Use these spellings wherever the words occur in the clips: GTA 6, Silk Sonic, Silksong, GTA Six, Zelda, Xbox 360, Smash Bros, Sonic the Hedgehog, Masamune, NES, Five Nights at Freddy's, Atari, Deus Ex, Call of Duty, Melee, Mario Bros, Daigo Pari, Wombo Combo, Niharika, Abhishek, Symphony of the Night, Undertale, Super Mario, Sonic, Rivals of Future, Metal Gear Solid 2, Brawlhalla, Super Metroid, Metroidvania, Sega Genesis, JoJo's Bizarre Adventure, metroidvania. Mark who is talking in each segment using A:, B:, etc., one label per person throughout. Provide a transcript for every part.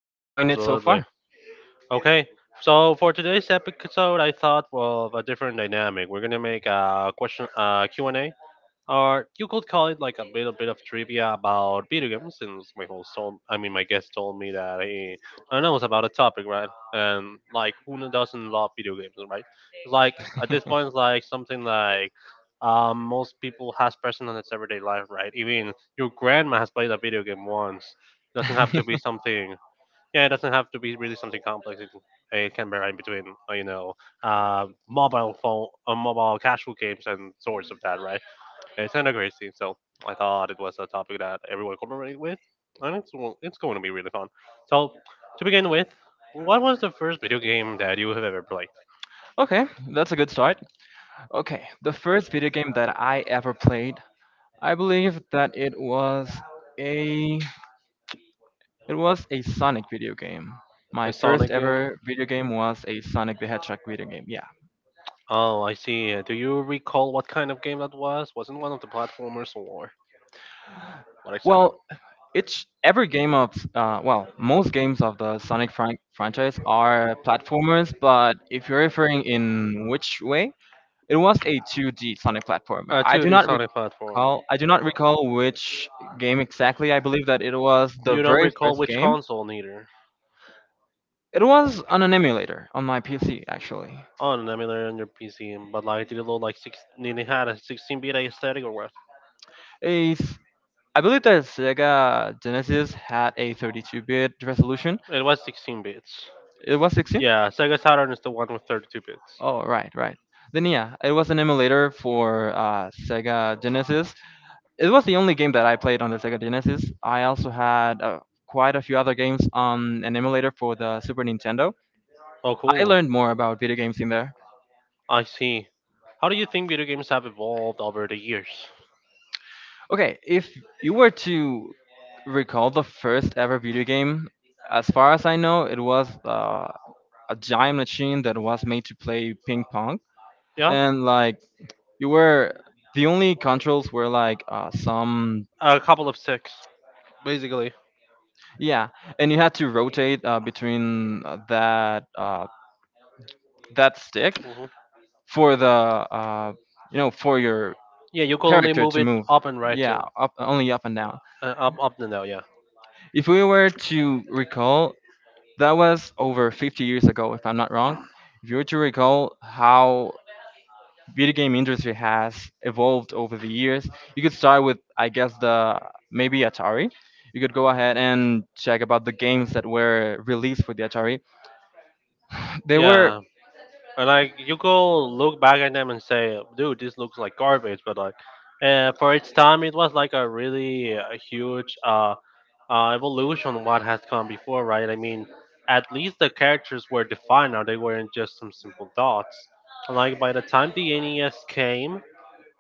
A: and I'm enjoying it so
B: Absolutely.
A: far.
B: Okay, so for today's episode, I thought of a different dynamic. We're gonna make a question, Q and A, or you could call it like a little bit of trivia about video games since my host told I mean my guest told me that he I know it's about a topic, right? And like, who doesn't love video games, right? It's like, at this point it's like something like, most people has present in its everyday life, right? Even your grandma has played a video game once. Doesn't have to be something. Yeah, it doesn't have to be really something complex, it can be, right? Between you know, mobile phone, mobile casual games and sorts of that, right? It's not a great scene, so I thought it was a topic that everyone could relate with, and it's going to be really fun. So, to begin with, what was the first video game that you have ever played?
A: Okay, that's a good start. Okay, the first video game that I ever played, I believe that it was a It was a Sonic video game.
B: A
A: My first
B: Sonic game?
A: ever video game was a Sonic the Hedgehog video game. Yeah.
B: Oh, I see. Do you recall what kind of game that was? Wasn't one of the platformers or what exactly?
A: Well, each every game of well, most games of the Sonic franchise are platformers, but if you're referring in which way, it was a 2D Sonic platformer.
B: A 2D Sonic platform.
A: I do not recall which game exactly. I believe that it was the
B: You don't
A: very
B: recall
A: first
B: which
A: game.
B: console neither.
A: It was on an emulator on my PC actually.
B: On an emulator on your PC, but like, did it look like six? Did it had a 16-bit aesthetic or what?
A: A I believe that Sega Genesis had a 32-bit resolution.
B: It was 16 bits.
A: It was 16.
B: Yeah, Sega Saturn is the one with 32 bits.
A: Oh, right. Then yeah, it was an emulator for Sega Genesis. It was the only game that I played on the Sega Genesis. I also had quite a few other games on an emulator for the Super Nintendo.
B: Oh,
A: I
B: cool.
A: learned more about video games in there.
B: I see. How do you think video games have evolved over the years?
A: Okay, if you were to recall the first ever video game, as far as I know, it was a giant machine that was made to play ping pong,
B: Yeah,
A: and like you were the only controls were like some
B: a couple of six, basically.
A: yeah, and you had to rotate between that stick
B: Hmm.
A: for the for your
B: Yeah, you could only
A: character
B: move
A: to
B: it
A: move.
B: up and right
A: Yeah,
B: too.
A: up only up and down.
B: Up, up and down. Yeah.
A: If we were to recall, that was over 50 years ago, if I'm not wrong. If you were to recall how video game industry has evolved over the years. You could start with, I guess, the maybe Atari. You could go ahead and check about the games that were released for the Atari. They were
B: Yeah. And like, you go look back at them and say, "Dude, this looks like garbage," but like, for its time, it was like a really huge evolution of what has come before, right? I mean, at least the characters were defined now; they weren't just some simple dots. And like, by the time the NES came,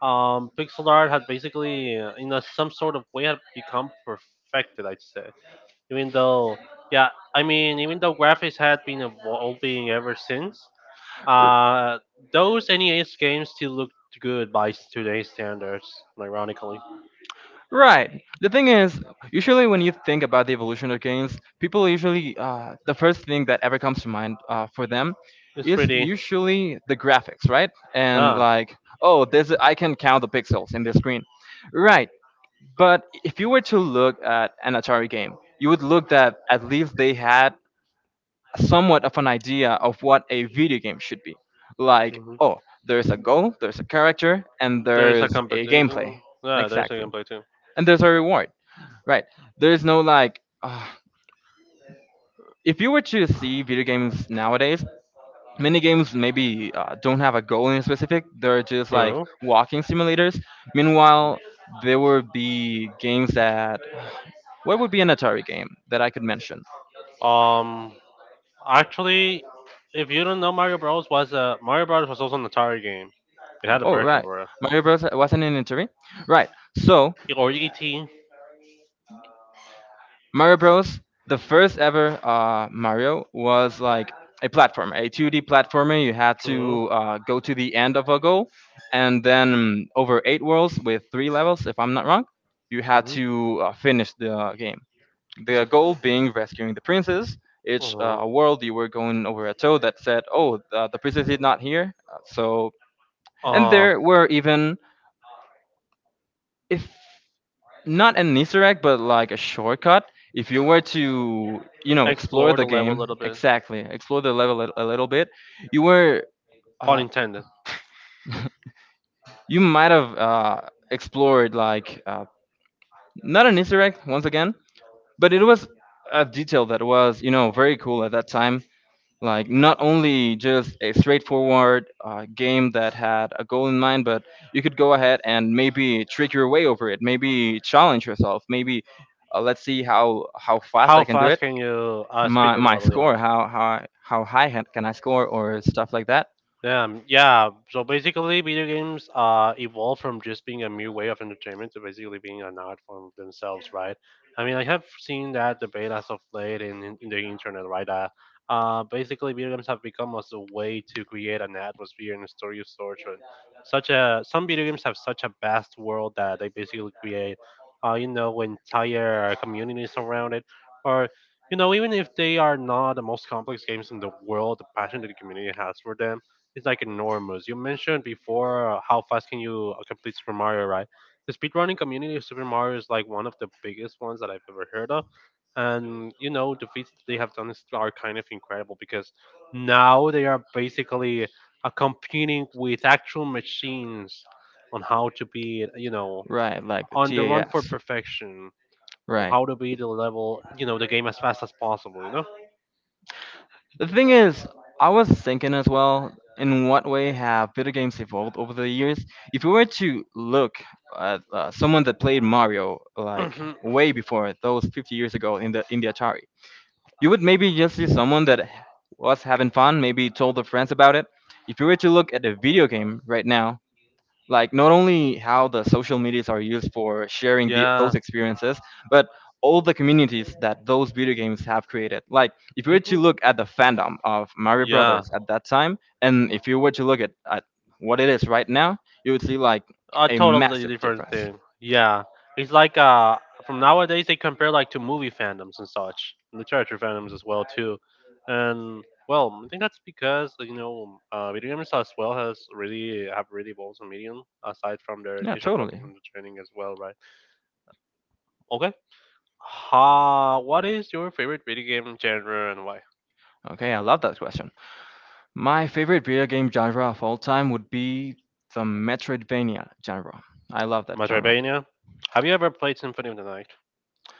B: pixel art had basically, in a, some sort of way, had become perfected. I'd say, even though, yeah, I mean, even though graphics had been evolving ever since, uh, those NES games still look good by today's standards, ironically.
A: Right. The thing is, usually when you think about the evolution of games, people usually the first thing that ever comes to mind for them
B: It's
A: is
B: pretty.
A: usually the graphics, right? And
B: Ah.
A: like, oh, this I can count the pixels in the screen, right? But if you were to look at an Atari game, you would look that at least they had somewhat of an idea of what a video game should be. Like,
B: Mhm.
A: oh, there's a goal, there's a character, and
B: There's a
A: there's a gameplay.
B: competition. Yeah, there's a
A: Exactly.
B: gameplay too.
A: And there's a reward. Right. There's no like. If you were to see video games nowadays, many games maybe don't have a goal in specific. They're just like
B: True.
A: walking simulators. Meanwhile, there would be games that What would be an Atari game that I could mention?
B: Um, Actually, if you don't know, Mario Bros was also an Atari game. It had a
A: Oh,
B: version
A: right.
B: for it,
A: Mario Bros. Wasn't an Atari? Right. So,
B: or ET.
A: Mario Bros. The first ever Mario was like a platformer, a 2D platformer. You had to go to the end of a goal, and then over 8 worlds with 3 levels, if I'm not wrong, you had
B: Hmm.
A: to finish the game.
B: So,
A: The goal being rescuing the princess. Each world, you were going over a toad that said, "Oh, the princess is not here, so And
B: uh,
A: there were even, if not an Easter egg, but like a shortcut. If you were to, you know, explore
B: explore
A: the
B: the level
A: game
B: a little
A: exactly, explore the level a little bit, you were, uh,
B: intended.
A: you might have explored like not an Easter egg once again, but it was a detail that was, you know, very cool at that time. Like not only just a straightforward game that had a goal in mind, but you could go ahead and maybe trick your way over it. Maybe challenge yourself. Maybe Let's see how fast I can do it.
B: You.
A: My score. How high can I score or stuff like that.
B: Yeah. So basically, video games evolved from just being a mere way of entertainment to basically being an art form themselves, right? I mean, I have seen that debate as of late in the internet, right? Basically, video games have become as a way to create an atmosphere and a story of sorts. And such a some video games have such a vast world that they basically create, you know, entire communities around it, or you know, even if they are not the most complex games in the world, the passion that the community has for them is like enormous. You mentioned before how fast can you complete Super Mario, right? The speedrunning community of Super Mario is like one of the biggest ones that I've ever heard of. And you know, the feats that they have done is, are kind of incredible because now they are basically competing with actual machines on how to be, you know,
A: Right, like the
B: on the run for
A: TAS.
B: perfection, on
A: Right.
B: how to be the level, you know, the game as fast as possible, you know?
A: The thing is, I was thinking as well, in what way have video games evolved over the years? If you were to look at someone that played Mario like way before those 50 years ago in the Atari, you would maybe just see someone that was having fun, maybe told their friends about it. If you were to look at a video game right now, like not only how the social medias are used for sharing those
B: Yeah,
A: experiences but all the communities that those video games have created like if you were to
B: people.
A: look at the fandom of Mario
B: Yeah,
A: Brothers at that time and if you were to look at what it is right now you would see like
B: a
A: a
B: totally
A: massive
B: different
A: difference.
B: thing. Yeah, it's like from nowadays they compare like to movie fandoms and such, and literature fandoms as well too, and well, I think that's because like, you know, video games as well has really have really evolved as a medium aside from their
A: Yeah,
B: initial purpose
A: totally.
B: and the training as well, right? Okay, what is your favorite video game genre and why?
A: Okay, I love that question. My favorite video game genre of all time would be the Metroidvania genre. I love that genre.
B: Metroidvania. Have you ever played Symphony of the Night?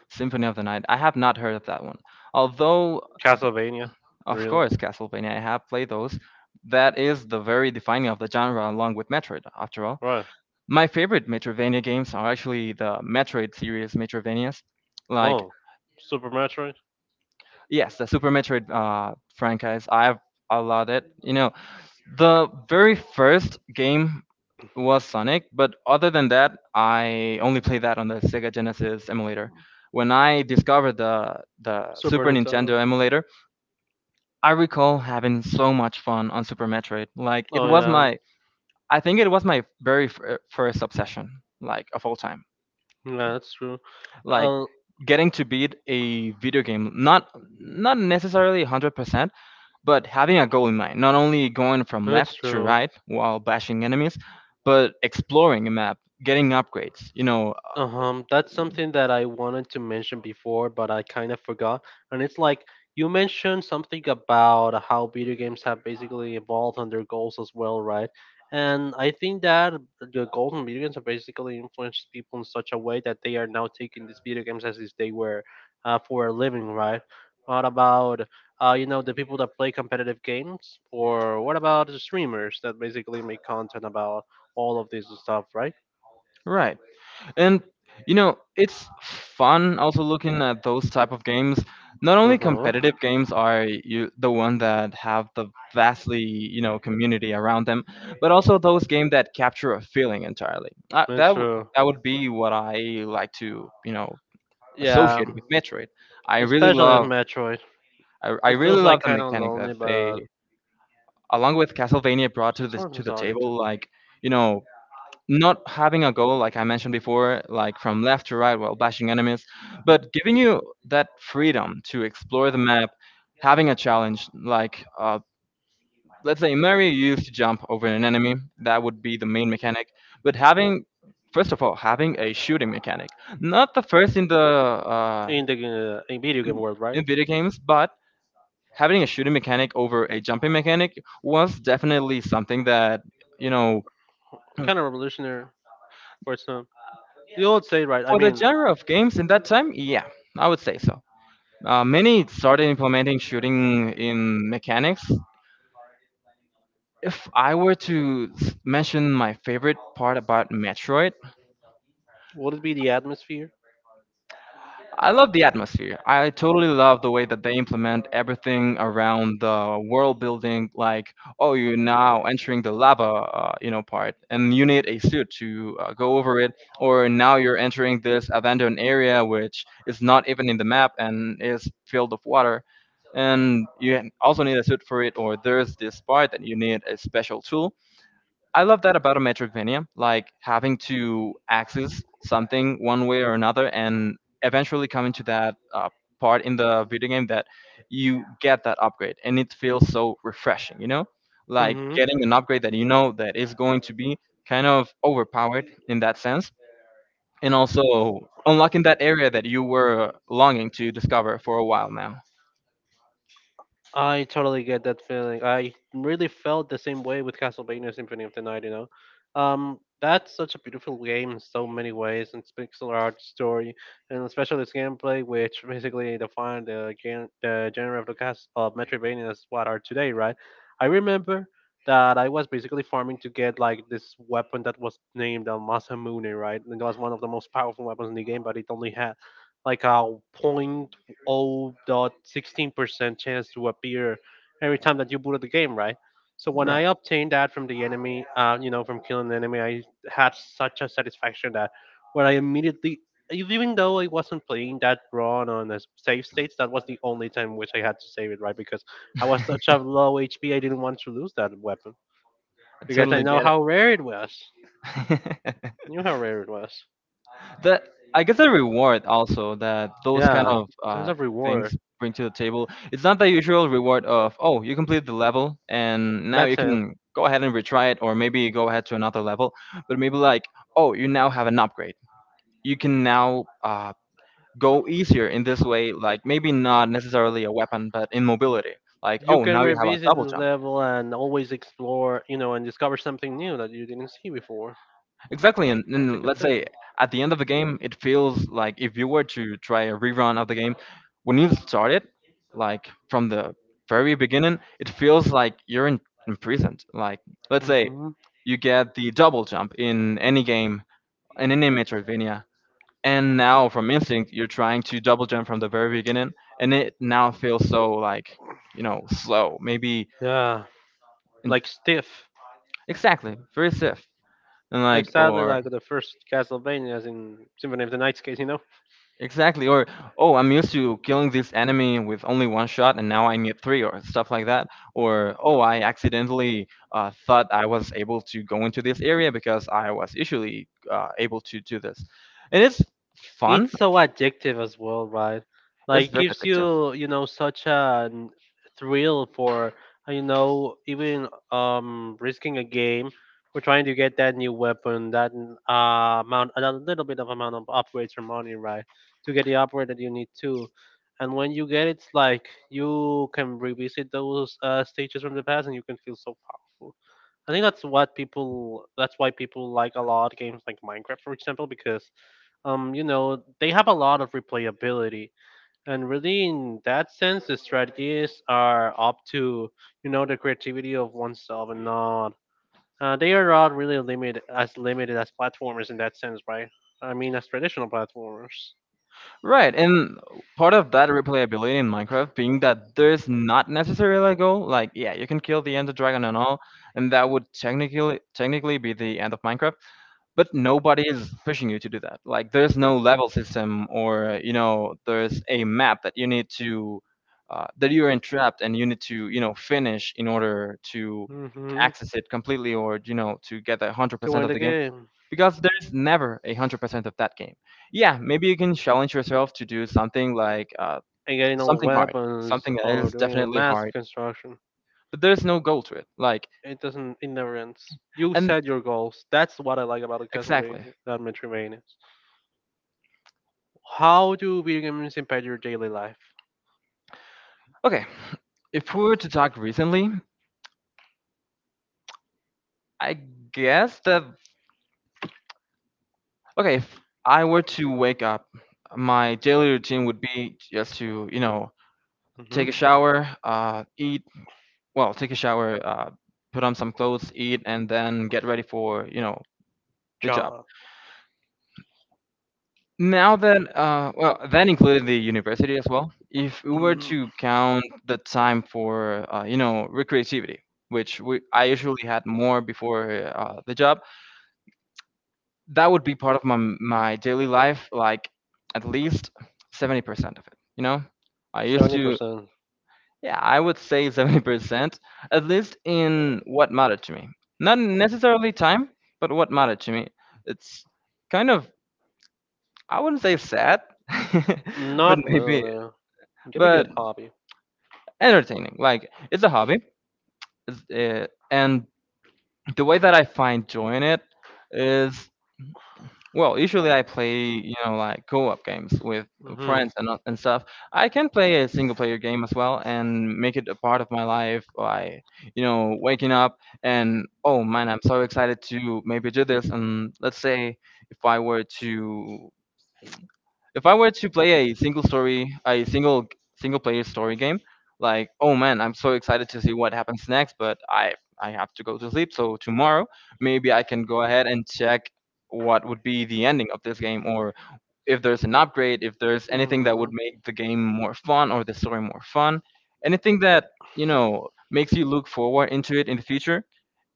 A: Symphony of the Night. I have not heard of that one. Although,
B: Castlevania?
A: of
B: Really?
A: course, Castlevania, I have played those. That is the very defining of the genre, along with Metroid, after all.
B: Right.
A: My favorite Metroidvania games are actually the Metroid series Metroidvanias. Like, oh,
B: Oh, Super Metroid?
A: yes, the Super Metroid franchise, I have a lot of it. You know, the very first game was Sonic, but other than that, I only played that on the Sega Genesis emulator. When I discovered the
B: Super
A: Super
B: Nintendo?
A: Nintendo emulator, I recall having so much fun on Super Metroid.
B: Oh, yeah.
A: I think it was my very first obsession, like of all time.
B: Yeah, that's true.
A: Like
B: Uh,
A: getting to beat a video game, not necessarily 100%, but having a goal in mind. Not only going from
B: it's
A: left to
B: true.
A: right while bashing enemies, but exploring a map, getting upgrades. You know,
B: That's something that I wanted to mention before, but I kind of forgot. And it's like, you mentioned something about how video games have basically evolved on their goals as well, right? And I think that the goals in video games have basically influenced people in such a way that they are now taking these video games as if they were for a living, right? What about you know, the people that play competitive games, or what about the streamers that basically make content about all of this stuff, right?
A: right. And you know, it's fun also looking at those type of games. Not only
B: Mm-hmm.
A: competitive games are you, the one that have the vastly, you know, community around them, but also those games that capture a feeling entirely.
B: It's true.
A: That would be what I like to, you know,
B: Yeah,
A: associate with Metroid. I really
B: especially with
A: love
B: Metroid.
A: I
B: It
A: really
B: feels like
A: love the
B: kind of
A: mechanic that
B: lonely, but
A: they along with Castlevania brought
B: sort of
A: to the
B: nostalgic too.
A: table like, you know, not having a goal, like I mentioned before, like from left to right while bashing enemies, but giving you that freedom to explore the map, having a challenge, like let's say Mario used to jump over an enemy, that would be the main mechanic, but having first of all, having a shooting mechanic, not the first in
B: In the in video
A: in,
B: game world, right?
A: in video games, but having a shooting mechanic over a jumping mechanic was definitely something that you know
B: Kind of revolutionary for its time. You would say, right? I
A: for the
B: mean,
A: genre of games in that time, yeah, I would say so. Many started implementing shooting in mechanics. If I were to mention my favorite part about Metroid,
B: would it be the atmosphere?
A: I love the atmosphere. I totally love the way that they implement everything around the world building. Like, oh, you're now entering the lava, you know, part, and you need a suit to go over it. Or now you're entering this abandoned area, which is not even in the map and is filled of water, and you also need a suit for it. Or there's this part that you need a special tool. I love that about a Metroidvania, like having to access something one way or another, and eventually coming to that part in the video game that you get that upgrade, and it feels so refreshing. You know, like
B: Mm-hmm.
A: getting an upgrade that you know that is going to be kind of overpowered in that sense, and also unlocking that area that you were longing to discover for a while now.
B: I totally get that feeling. I really felt the same way with Castlevania Symphony of the Night, you know. That's such a beautiful game in so many ways, and it's pixel art story, and especially its gameplay, which basically defined the, the genre of the cast of Metroidvania as what are today, right? I remember that I was basically farming to get like this weapon that was named Masamune, right? And it was one of the most powerful weapons in the game, but it only had like a 0.16% chance to appear every time that you booted the game, right? So when I
A: Right,
B: obtained that from the enemy, you know, from killing an enemy, I had such a satisfaction that where I immediately, even though I wasn't playing that run on a save states, that was the only time which I had to save it, right? Because I was such a low HP, I didn't want to lose that weapon
A: I
B: because I
A: totally
B: know
A: get
B: how rare it was.
A: it.
B: Knew how rare it was.
A: the I guess the reward also that those kind
B: Yeah,
A: of
B: sense of reward.
A: things bring to the table. It's not the usual reward of oh you completed the level and now you
B: That's it.
A: can go ahead and retry it or maybe go ahead to another level, but maybe like oh you now have an upgrade. You can now go easier in this way, like maybe not necessarily a weapon, but in mobility. Like
B: You
A: oh
B: can
A: now you have a
B: revisit
A: double
B: this
A: jump.
B: level and always explore, you know, and discover something new that you didn't see before.
A: Exactly,
B: That's a
A: and
B: good
A: let's
B: thing.
A: say at the end of the game, it feels like if you were to try a rerun of the game, when you start it, like from the very beginning, it feels like imprisoned. Like, let's say
B: Hmm.
A: you get the double jump in any game, in any Metroidvania, and now from instinct, you're trying to double jump from the very beginning, and it now feels so like, you know, slow, maybe
B: Yeah,
A: and
B: like stiff.
A: exactly very stiff and like
B: Exactly
A: or
B: like the first Castlevania, as in Symphony of the Night's case, you know?
A: exactly. Or, oh, I'm used to killing this enemy with only one shot and now I need three or stuff like that. Or, oh, I accidentally thought I was able to go into this area because I was usually able to do this. And it's fun,
B: It's so addictive as well, right?
A: it's
B: Like
A: very
B: gives
A: addictive.
B: you, you know, such a thrill for you know, even risking a game for trying to get that new weapon, that amount, a little bit of amount of upgrades or money, right, to get the upgrade that you need to. And when you get it, it's like you can revisit those stages from the past, and you can feel so powerful. I think that's what people. That's why people like a lot games like Minecraft, for example, because you know, they have a lot of replayability. And really, in that sense, the strategies are up to, you know, the creativity of oneself and not. They are not really limited as platformers in that sense, right? I mean, as traditional platformers.
A: Right, and part of that replayability in Minecraft being that there's not necessarily a goal. Like, yeah, you can kill the Ender Dragon and all, and that would technically be the end of Minecraft, but nobody is pushing you to do that. Like, there's no level system, or you know, there's a map that you need to that you're entrapped and you need to, you know, finish in order to
B: Hmm.
A: access it completely, or you know, to get a
B: To
A: 100%
B: win
A: of
B: the
A: the game
B: game
A: because there's never a 100% of that game. Yeah, maybe you can challenge yourself to do something like
B: and getting all the
A: something hard,
B: weapons
A: something that
B: or
A: is
B: doing a
A: definitely
B: massive
A: hard,
B: construction,
A: but there's no goal to it. Like,
B: it doesn't. It never ends. You
A: and
B: set your goals. That's what I like about the
A: exactly.
B: Castlevania, that Metroidvania. How do video games impact your daily life?
A: Okay, if we were to talk recently, I guess that okay, if I were to wake up, my daily routine would be just to, you know,
B: Mm-hmm.
A: take a shower, eat, well, take a shower, put on some clothes, eat, and then get ready for, you know, the job.
B: John,
A: Now that, well, that included the university as well. If we were
B: mm,
A: to count the time for, you know, recreativity, which I usually had more before the job, that would be part of my daily life, like at least 70% of it, you know? I used to, yeah, I would say 70%, at least in what mattered to me. Not necessarily time, but what mattered to me. It's kind of, I wouldn't say sad, but
B: not
A: maybe
B: really. It can be a
A: but
B: good hobby.
A: entertaining. Like, it's a hobby. And the way that I find joy in it is, well, usually I play, you know, like co-op games with
B: Mm-hmm.
A: friends and not- and stuff. I can play a single-player game as well and make it a part of my life by, you know, waking up and oh man, I'm so excited to maybe do this. And let's say if I were to if I were to play a single player story game, like oh man, I'm so excited to see what happens next, but I have to go to sleep. So tomorrow, maybe I can go ahead and check what would be the ending of this game, or if there's an upgrade, if there's anything that would make the game more fun or the story more fun, anything that, you know, makes you look forward into it in the future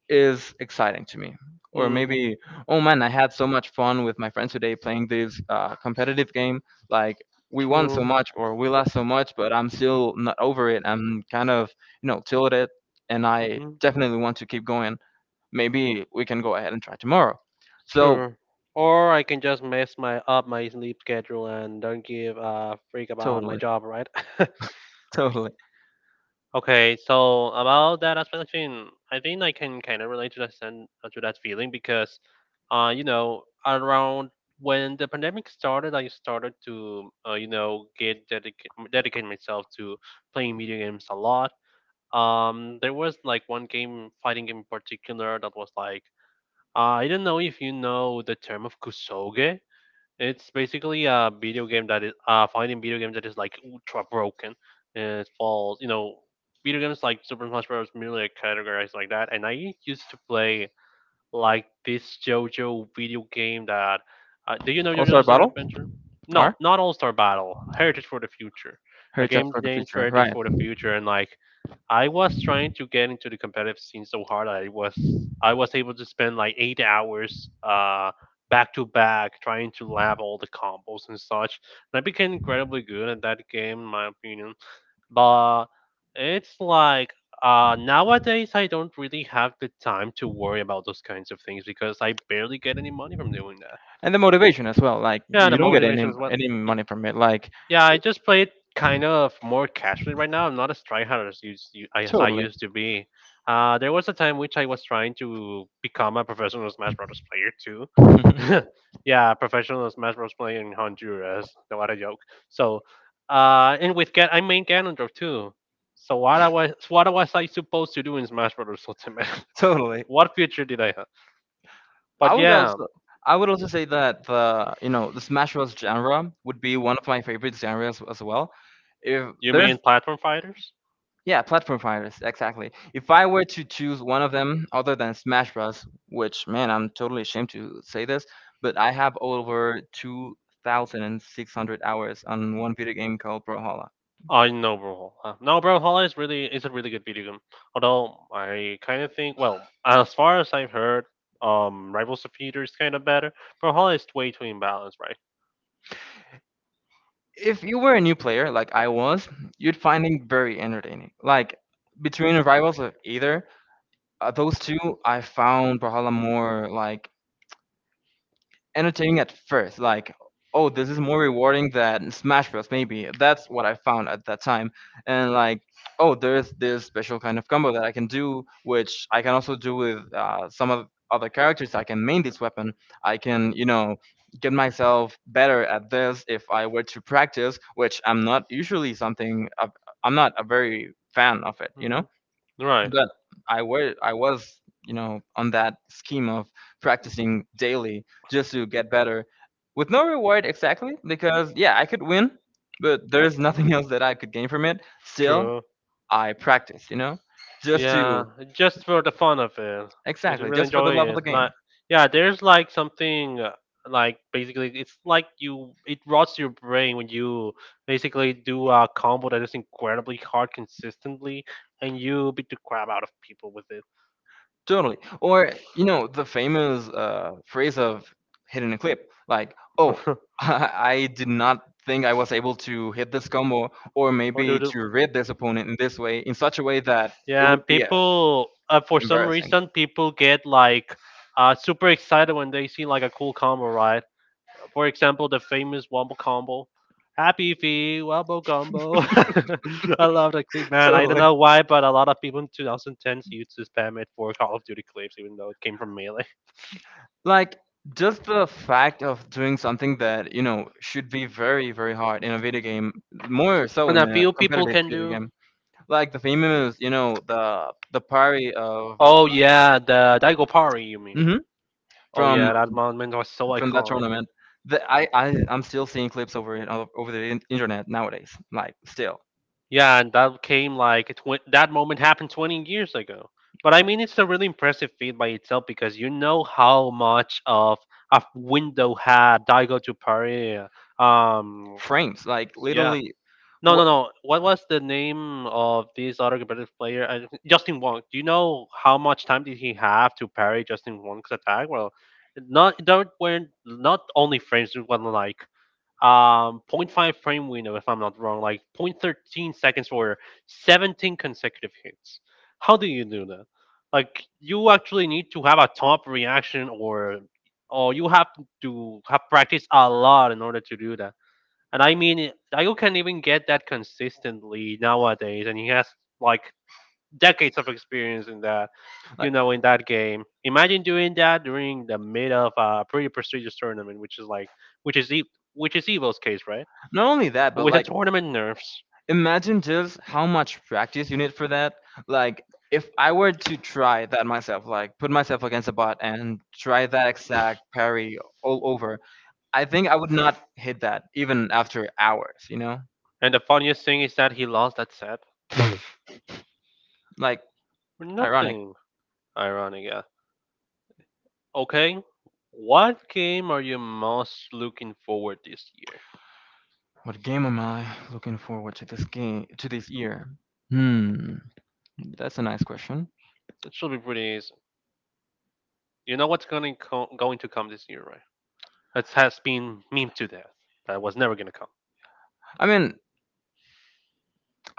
A: is exciting to me. Or
B: Hmm. Hmm.
A: maybe, oh man, I had so much fun with my friends today playing this competitive game. Like, we won so
B: True. Mm-hmm.
A: much, or we lost so much, but I'm still not over it. I'm kind of, you know, tilted, and I definitely want to keep going. Maybe we can go ahead and try tomorrow. So
B: Sure. Or I can just mess my up my sleep schedule and don't give a freak about my
A: totally.
B: job, right?
A: Totally.
B: Okay, so about that aspect aspiration, I think I can kind of relate to that to that feeling because, you know, around when the pandemic started, I started to, you know, get dedicate myself to playing video games a lot. There was like one game, fighting game in particular, that was like, I don't know if you know the term of kusoge. It's basically a video game that is fighting video game that is like ultra broken. And it falls, you know, video games like Super Smash Bros. Merely are categorized like that. And I used to play like this JoJo video game that do you know JoJo's
A: Also, a
B: Bizarre
A: bottle
B: Adventure? No,
A: are
B: not All Star Battle, Heritage for the Future,
A: her
B: a
A: just
B: game
A: for the
B: named for
A: future,
B: Heritage
A: right?
B: for the Future. And like I was trying to get into the competitive scene so hard, that I was able to spend like 8 hours back to back trying to lab all the combos and such, and I became incredibly good at that game, in my opinion. But it's like nowadays I don't really have the time to worry about those kinds of things because I barely get any money from doing that.
A: And the motivation as well. Like,
B: Yeah, the
A: you don't get any
B: motivation is what.
A: any money from it. Like,
B: Yeah, I just play it kind of more casually right now. I'm not as tryhard as, as I
A: totally.
B: used to be. There was a time which I was trying to become a professional Smash Bros. Player too. yeah, professional Smash Bros. Player in Honduras. No, what a joke. So, and with I main Ganondorf too. So what was I supposed to do in Smash Bros. Ultimate?
A: Totally.
B: what future did I have?
A: I
B: But
A: would
B: yeah,
A: also I would also say that the, you know, the Smash Bros genre would be one of my favorite genres as well. If
B: you
A: there's,
B: mean platform fighters?
A: yeah, platform fighters, exactly. If I were to choose one of them other than Smash Bros, which man, I'm totally ashamed to say this, but I have over two thousand and six hundred hours on one video game called Brawlhalla.
B: I know Brawlhalla. No, Brawlhalla is a really good video game. Although I kind of think, well, as far as I've heard, Rivals of Future is kind of better. Brawlhalla is way too imbalanced, right?
A: If you were a new player like I was, you'd find it very entertaining. Like, between rivals of either those two, I found Brawlhalla more like entertaining at first. Like, oh, this is more rewarding than Smash Bros. Maybe that's what I found at that time. And like, oh, there's this special kind of combo that I can do, which I can also do with some of other characters. I can main this weapon. I can, you know, get myself better at this if I were to practice, which I'm not usually something. I'm not a very fan of it, you know,
B: Mhm. Right. Mhm.
A: but I was, you know, on that scheme of practicing daily just to get better with no reward, exactly, because yeah, I could win, but there's nothing else that I could
B: Mhm.
A: gain from it still.
B: True.
A: I practiced, you know, just
B: Yeah,
A: to,
B: just for the fun of it, because you
A: exactly,
B: really
A: just for the
B: enjoy
A: love of the
B: it.
A: game.
B: Like, yeah, there's like something like basically it's like you it rots your brain when you basically do a combo that is incredibly hard consistently, and you beat the crap out of people with it.
A: Totally. Or you know the famous phrase of hitting a clip, like, "Oh, I did not think I was able to hit this combo,
B: or
A: or
B: maybe do
A: maybe
B: the
A: to read this opponent in this way, in such a way that it
B: Yeah, and yes,
A: would be
B: people for some
A: embarrassing."
B: reason people get like super excited when they see like a cool combo, right? For example, the famous Wombo Combo. Happy Feet, Wombo Combo. I love that clip, man. I don't
A: Totally.
B: know why, but a lot of people in 2010s used to spam it for Call of Duty clips, even though it came from Melee.
A: Like, just the fact of doing something that you know should be very hard in a video game, more so
B: And
A: in
B: a
A: a
B: few people
A: competitive
B: can
A: video
B: do.
A: game, like the famous, you know, the parry of,
B: Oh, yeah, the Daigo Pari, you mean?
A: mhm,
B: Oh,
A: from
B: yeah, that moment was so
A: that
B: iconic.
A: tournament. The, I'm still seeing clips over it over the internet nowadays. Like, still
B: Yeah, and that came like that moment happened 20 years ago. But I mean, it's a really impressive feat by itself because you know how much of a window had Daigo to Paris. Um,
A: frames. Like,
B: yeah.
A: literally,
B: No, no,
A: what?
B: no. What was the name of this other competitive player? Justin Wong. Do you know how much time did he have to parry Justin Wong's attack? Well, not there weren't not only frames. It was like point 0.5 frame window if I'm not wrong, like point 0.13 seconds for 17 consecutive hits. How do you do that? Like you actually need to have a top reaction, or you have to have practiced a lot in order to do that. And I mean, can't even get that consistently nowadays, and he has like decades of experience in that, you
A: Like,
B: know, in that game. Imagine doing that during the mid of a pretty prestigious tournament, which is like, which which is Evil's case, right?
A: not only that,
B: And
A: but
B: with the
A: like,
B: tournament nerfs.
A: imagine just how much practice you need for that. Like, if I were to try that myself, like put myself against a bot and try that exact parry all over, I think I would not hit that even after hours. You know,
B: And the funniest thing is that he lost that set
A: like,
B: for
A: ironic.
B: nothing. Ironic, yeah. Okay, what game are you most looking forward this year?
A: What game am I looking forward to this year? Hmm, that's a nice question.
B: It should be pretty easy. You know what's going to come this year, right? It has been meme to death. That was never going to come.
A: I mean,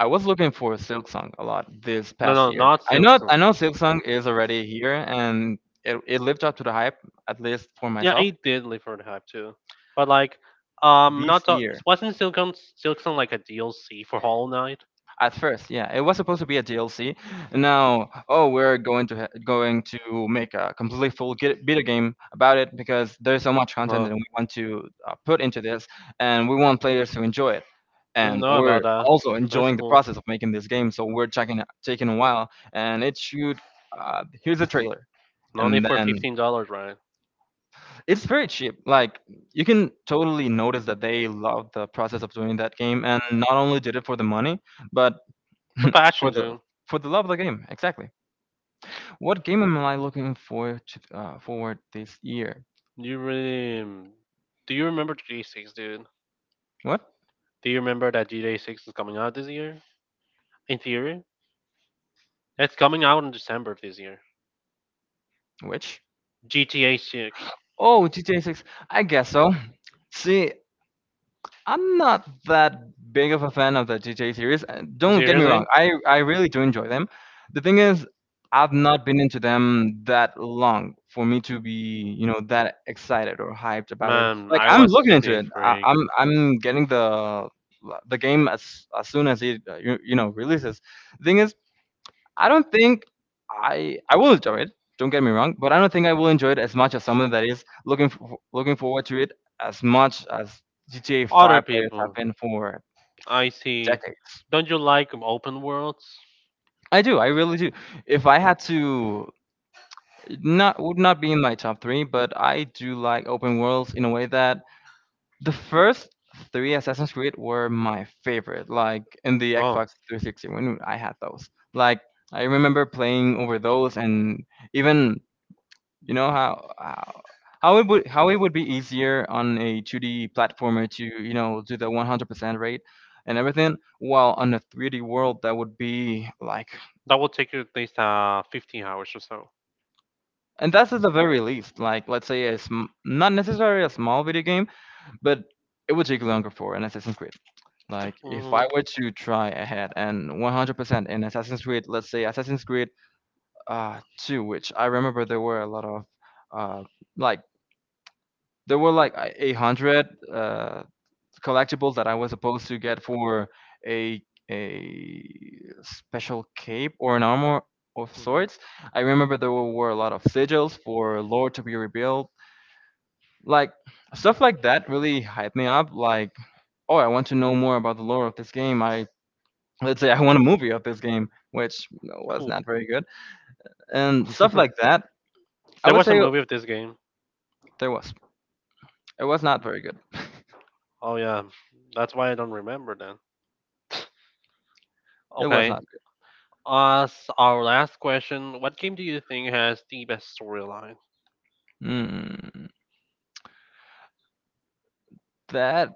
A: I was looking for Silksong a lot this
B: No,
A: past
B: no,
A: year.
B: not Silk know,
A: I
B: Sonic.
A: know Silksong is already here, and it lived up to the hype, at least for
B: Yeah,
A: myself,
B: it did live for the hype too, but like,
A: this
B: not the,
A: year.
B: it wasn't Silk Sonic like a DLC for Hollow Knight.
A: At first, yeah, it was supposed to be a DLC. Now, oh, we're going to going to make a completely full video game about it because there's so
B: Was
A: much content
B: talking to
A: that we
B: oh,
A: want to put into this, and we want players to enjoy it.
B: him didn't
A: And
B: know
A: we're
B: about that.
A: also
B: That's
A: enjoying
B: enjoying
A: the
B: cool.
A: process of making this game, so we're checking
B: We
A: taking a while. And it should, here's a trailer,
B: and only
A: and
B: for
A: then
B: $15, right?
A: it's very cheap. Like, you can totally notice that they love the process of doing that game, and not only did it for the money, but
B: For
A: for
B: Passion
A: the,
B: too.
A: for the love of the game, exactly. What game am I looking for to forward this year?
B: You really? Do you remember GTA Six, dude?
A: What?
B: Do you remember that GTA Six is coming out this year? In theory, it's coming out in December of this year.
A: Which?
B: GTA 6.
A: Oh, GTA 6. I guess so. See, I'm not that big of a fan of the GTA series. Don't get me wrong,
B: Seriously?
A: I really do enjoy them. The thing is, I've not been into them that long for me to be, you know, that excited or hyped about it.
B: Man,
A: Like,
B: I
A: I'm
B: was
A: looking into
B: GTA
A: it.
B: freak.
A: I'm getting the game as soon as it, you, you know, releases. The thing is, I don't think I will enjoy it. Don't get me wrong, but I don't think I will enjoy it as much as someone that is looking for, looking forward to it as much as GTA
B: Other
A: 5 players have
B: people,
A: been for
B: I see.
A: decades.
B: Don't you like open worlds?
A: I do, I really do. If I had to, not would not be in my top three, but I do like open worlds in a way that the first three Assassin's Creed were my favorite. Like, in the
B: Oh,
A: Xbox 360 when I had those, like, I remember playing over those and even, you know how it would, how it would be easier on a 2D platformer to, you know, do the 100% rate and everything, while on a 3D world that would be like,
B: that will take you at least 15 hours or so.
A: and that's at the very least, like, let's say a not necessarily a small video game, but it would take longer for an Assassin's Creed. Like, if
B: Hmm
A: I were to try ahead and 100% in Assassin's Creed, let's say Assassin's Creed 2, which I remember there were a lot of uh like there were like 800 uh collectibles that I was supposed to get for a a special cape or an armor of
B: Mhm.
A: sorts. I remember there were a lot of sigils for lore to be rebuilt. Like, stuff like that really hyped me up. Like, oh, I want to know more about the lore of this game. I Let's say I want a movie of this game, which was
B: Cool.
A: not very good, and stuff like that. I
B: there
A: would
B: was a
A: say
B: movie of this game.
A: there was. It was not very good.
B: Oh yeah, that's why I don't remember then.
A: It was
B: Okay,
A: not good.
B: as our last question, what game do you think has the best storyline
A: Mm, that,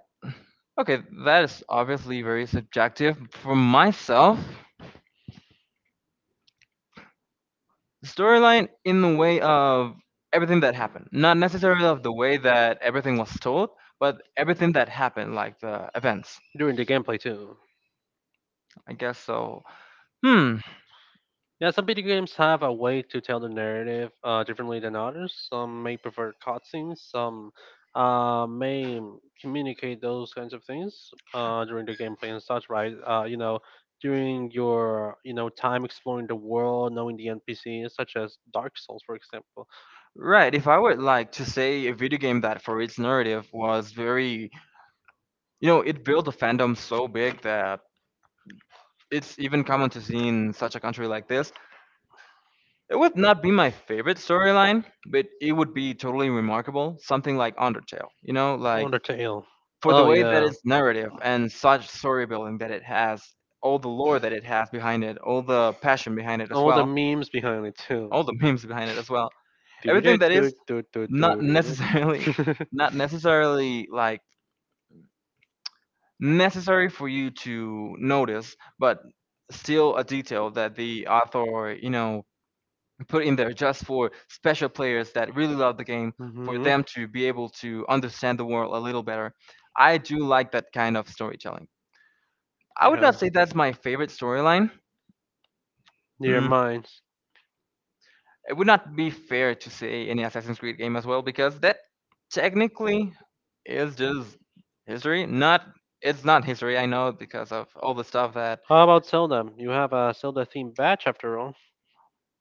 A: okay, that is obviously very subjective. For myself, the storyline in the way of everything that happened. Not necessarily of the way that everything was told, but everything that happened, like the events.
B: during the gameplay too?
A: I guess so. Hmm.
B: Yeah, some video games have a way to tell the narrative differently than others. Some may prefer cutscenes. Some may communicate those kinds of things during the gameplay and such. Right? You know, during your time exploring the world, knowing the NPCs, such as Dark Souls, for example.
A: Right. If I would like to say a video game that for its narrative was very, you know, it built a fandom so big that it's even common to see in such a country like this, it would not be my favorite storyline, but it would be totally remarkable. Something like Undertale, you know, like,
B: Undertale.
A: for
B: Oh,
A: the way that
B: all
A: it's narrative and such story building that it has, all the lore that it has behind it, all the passion behind it as well,
B: memes behind it too.
A: all the memes behind it as well. Everything that is not necessarily,
B: not
A: not necessarily like necessary for you to notice, but still a detail that the author, you know, put in there just for special players that really love the game,
B: for
A: for
B: mhm.
A: them to be able to understand the world a little better. I do like that kind of storytelling. I would not say that's my favorite storyline.
B: Near
A: Mm,
B: minds.
A: it would not be fair to say any Assassin's Creed game as well because that technically is just history. Not, it's not history, I know, because of all the stuff that
B: How about Zelda? You have a Zelda themed batch after all,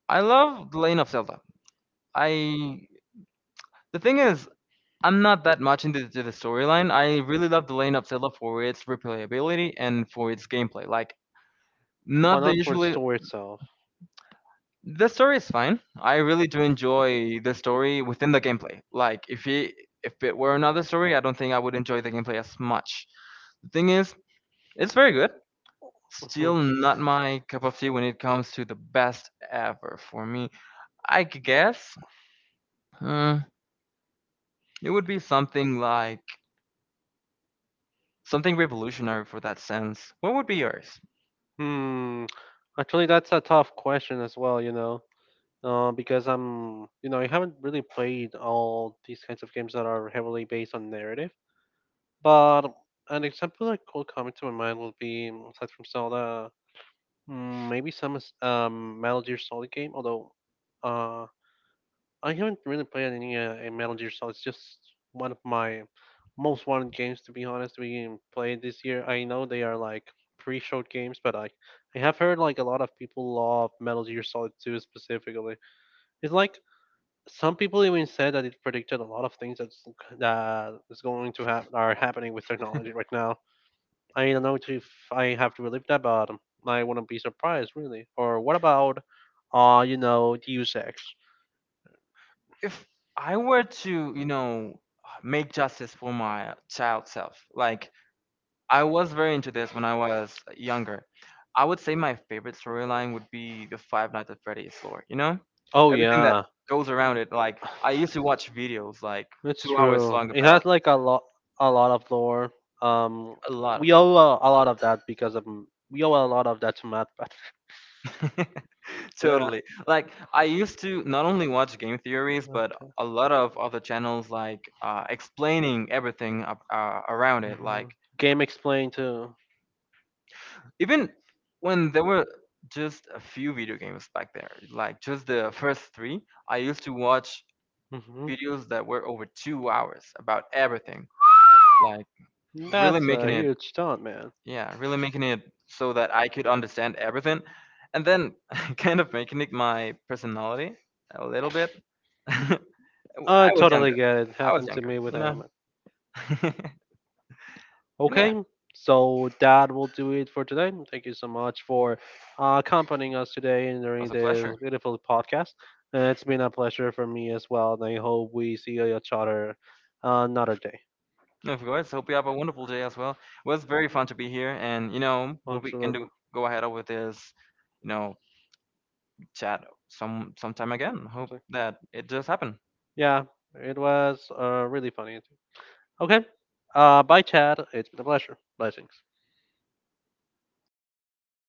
A: I love. Lane of Zelda. I The thing is, I'm not that much into the storyline. I really love the Lane of Zelda for its replayability and for its gameplay. Like, not the usually.
B: story itself.
A: The story is fine. I really do enjoy the story within the gameplay. Like, if it were another story, I don't think I would enjoy the gameplay as much. The thing is, it's very good. Still not my cup of tea when it comes to the best ever for me. Guess uh, it would be something like something revolutionary for that sense. What would be yours?
B: Hmm. Actually, that's a tough question as well, you know, because I'm, you know, I haven't really played all these kinds of games that are heavily based on narrative. But an example that could come to my mind would be, aside from Zelda, maybe some Metal Gear Solid game, although uh, I haven't really played any a Metal Gear Solid. It's just one of my most wanted games, to be honest. We played this year. I know they are like pre short games, but I have heard like a lot of people love Metal Gear Solid 2 specifically. It's like some people even said that it predicted a lot of things that is going to happen are happening with technology right now. I don't know if I have to believe that, but I wouldn't be surprised really. Or what about, you know, Deus Ex?
A: If I were to, you know, make justice for my child self, like, I was very into this when I was younger, I would say my favorite storyline would be the Five Nights at Freddy's lore, you know? Oh.
B: Oh
A: Everything that
B: yeah,
A: goes around it. Like, I used to watch videos like
B: it's
A: 2 hours
B: true.
A: long
B: It
A: about
B: has like a lot of lore. Um,
A: a lot of
B: we
A: it.
B: owe a lot of that because of we owe a lot of that to Matt. Yeah.
A: Totally.
B: Matt.
A: Like, I used to not only watch game theories, but a lot of other channels like explaining everything around it. Like,
B: Mhm. Game explained too.
A: even when there were just a few video games back there, like just the first three, I used to watch
B: Hmm
A: videos that were over 2 hours about everything, like really
B: That's a
A: making it,
B: huge taunt, man.
A: yeah, really making it so that I could understand everything, and then kind of making it my personality a little bit. I
B: I
A: was
B: totally
A: younger.
B: get it.
A: I was
B: Happened to
A: younger,
B: me with
A: you know.
B: anime.
A: And yeah,
B: Okay,
A: it
B: so that will do it for today. Thank you so much for accompanying us today and during
A: was a
B: this
A: pleasure.
B: beautiful podcast. It's been a pleasure for me as well, and I hope we see each other another day.
A: Of course. Hope you have a wonderful day as well. It was very fun to be here, and you know, hope we can do,
B: Absolutely.
A: go ahead with this, you know, chat sometime again. Hope
B: Okay.
A: that it does happen.
B: Yeah, it was really funny. Okay, bye, Chad. It's been a pleasure. Blessings.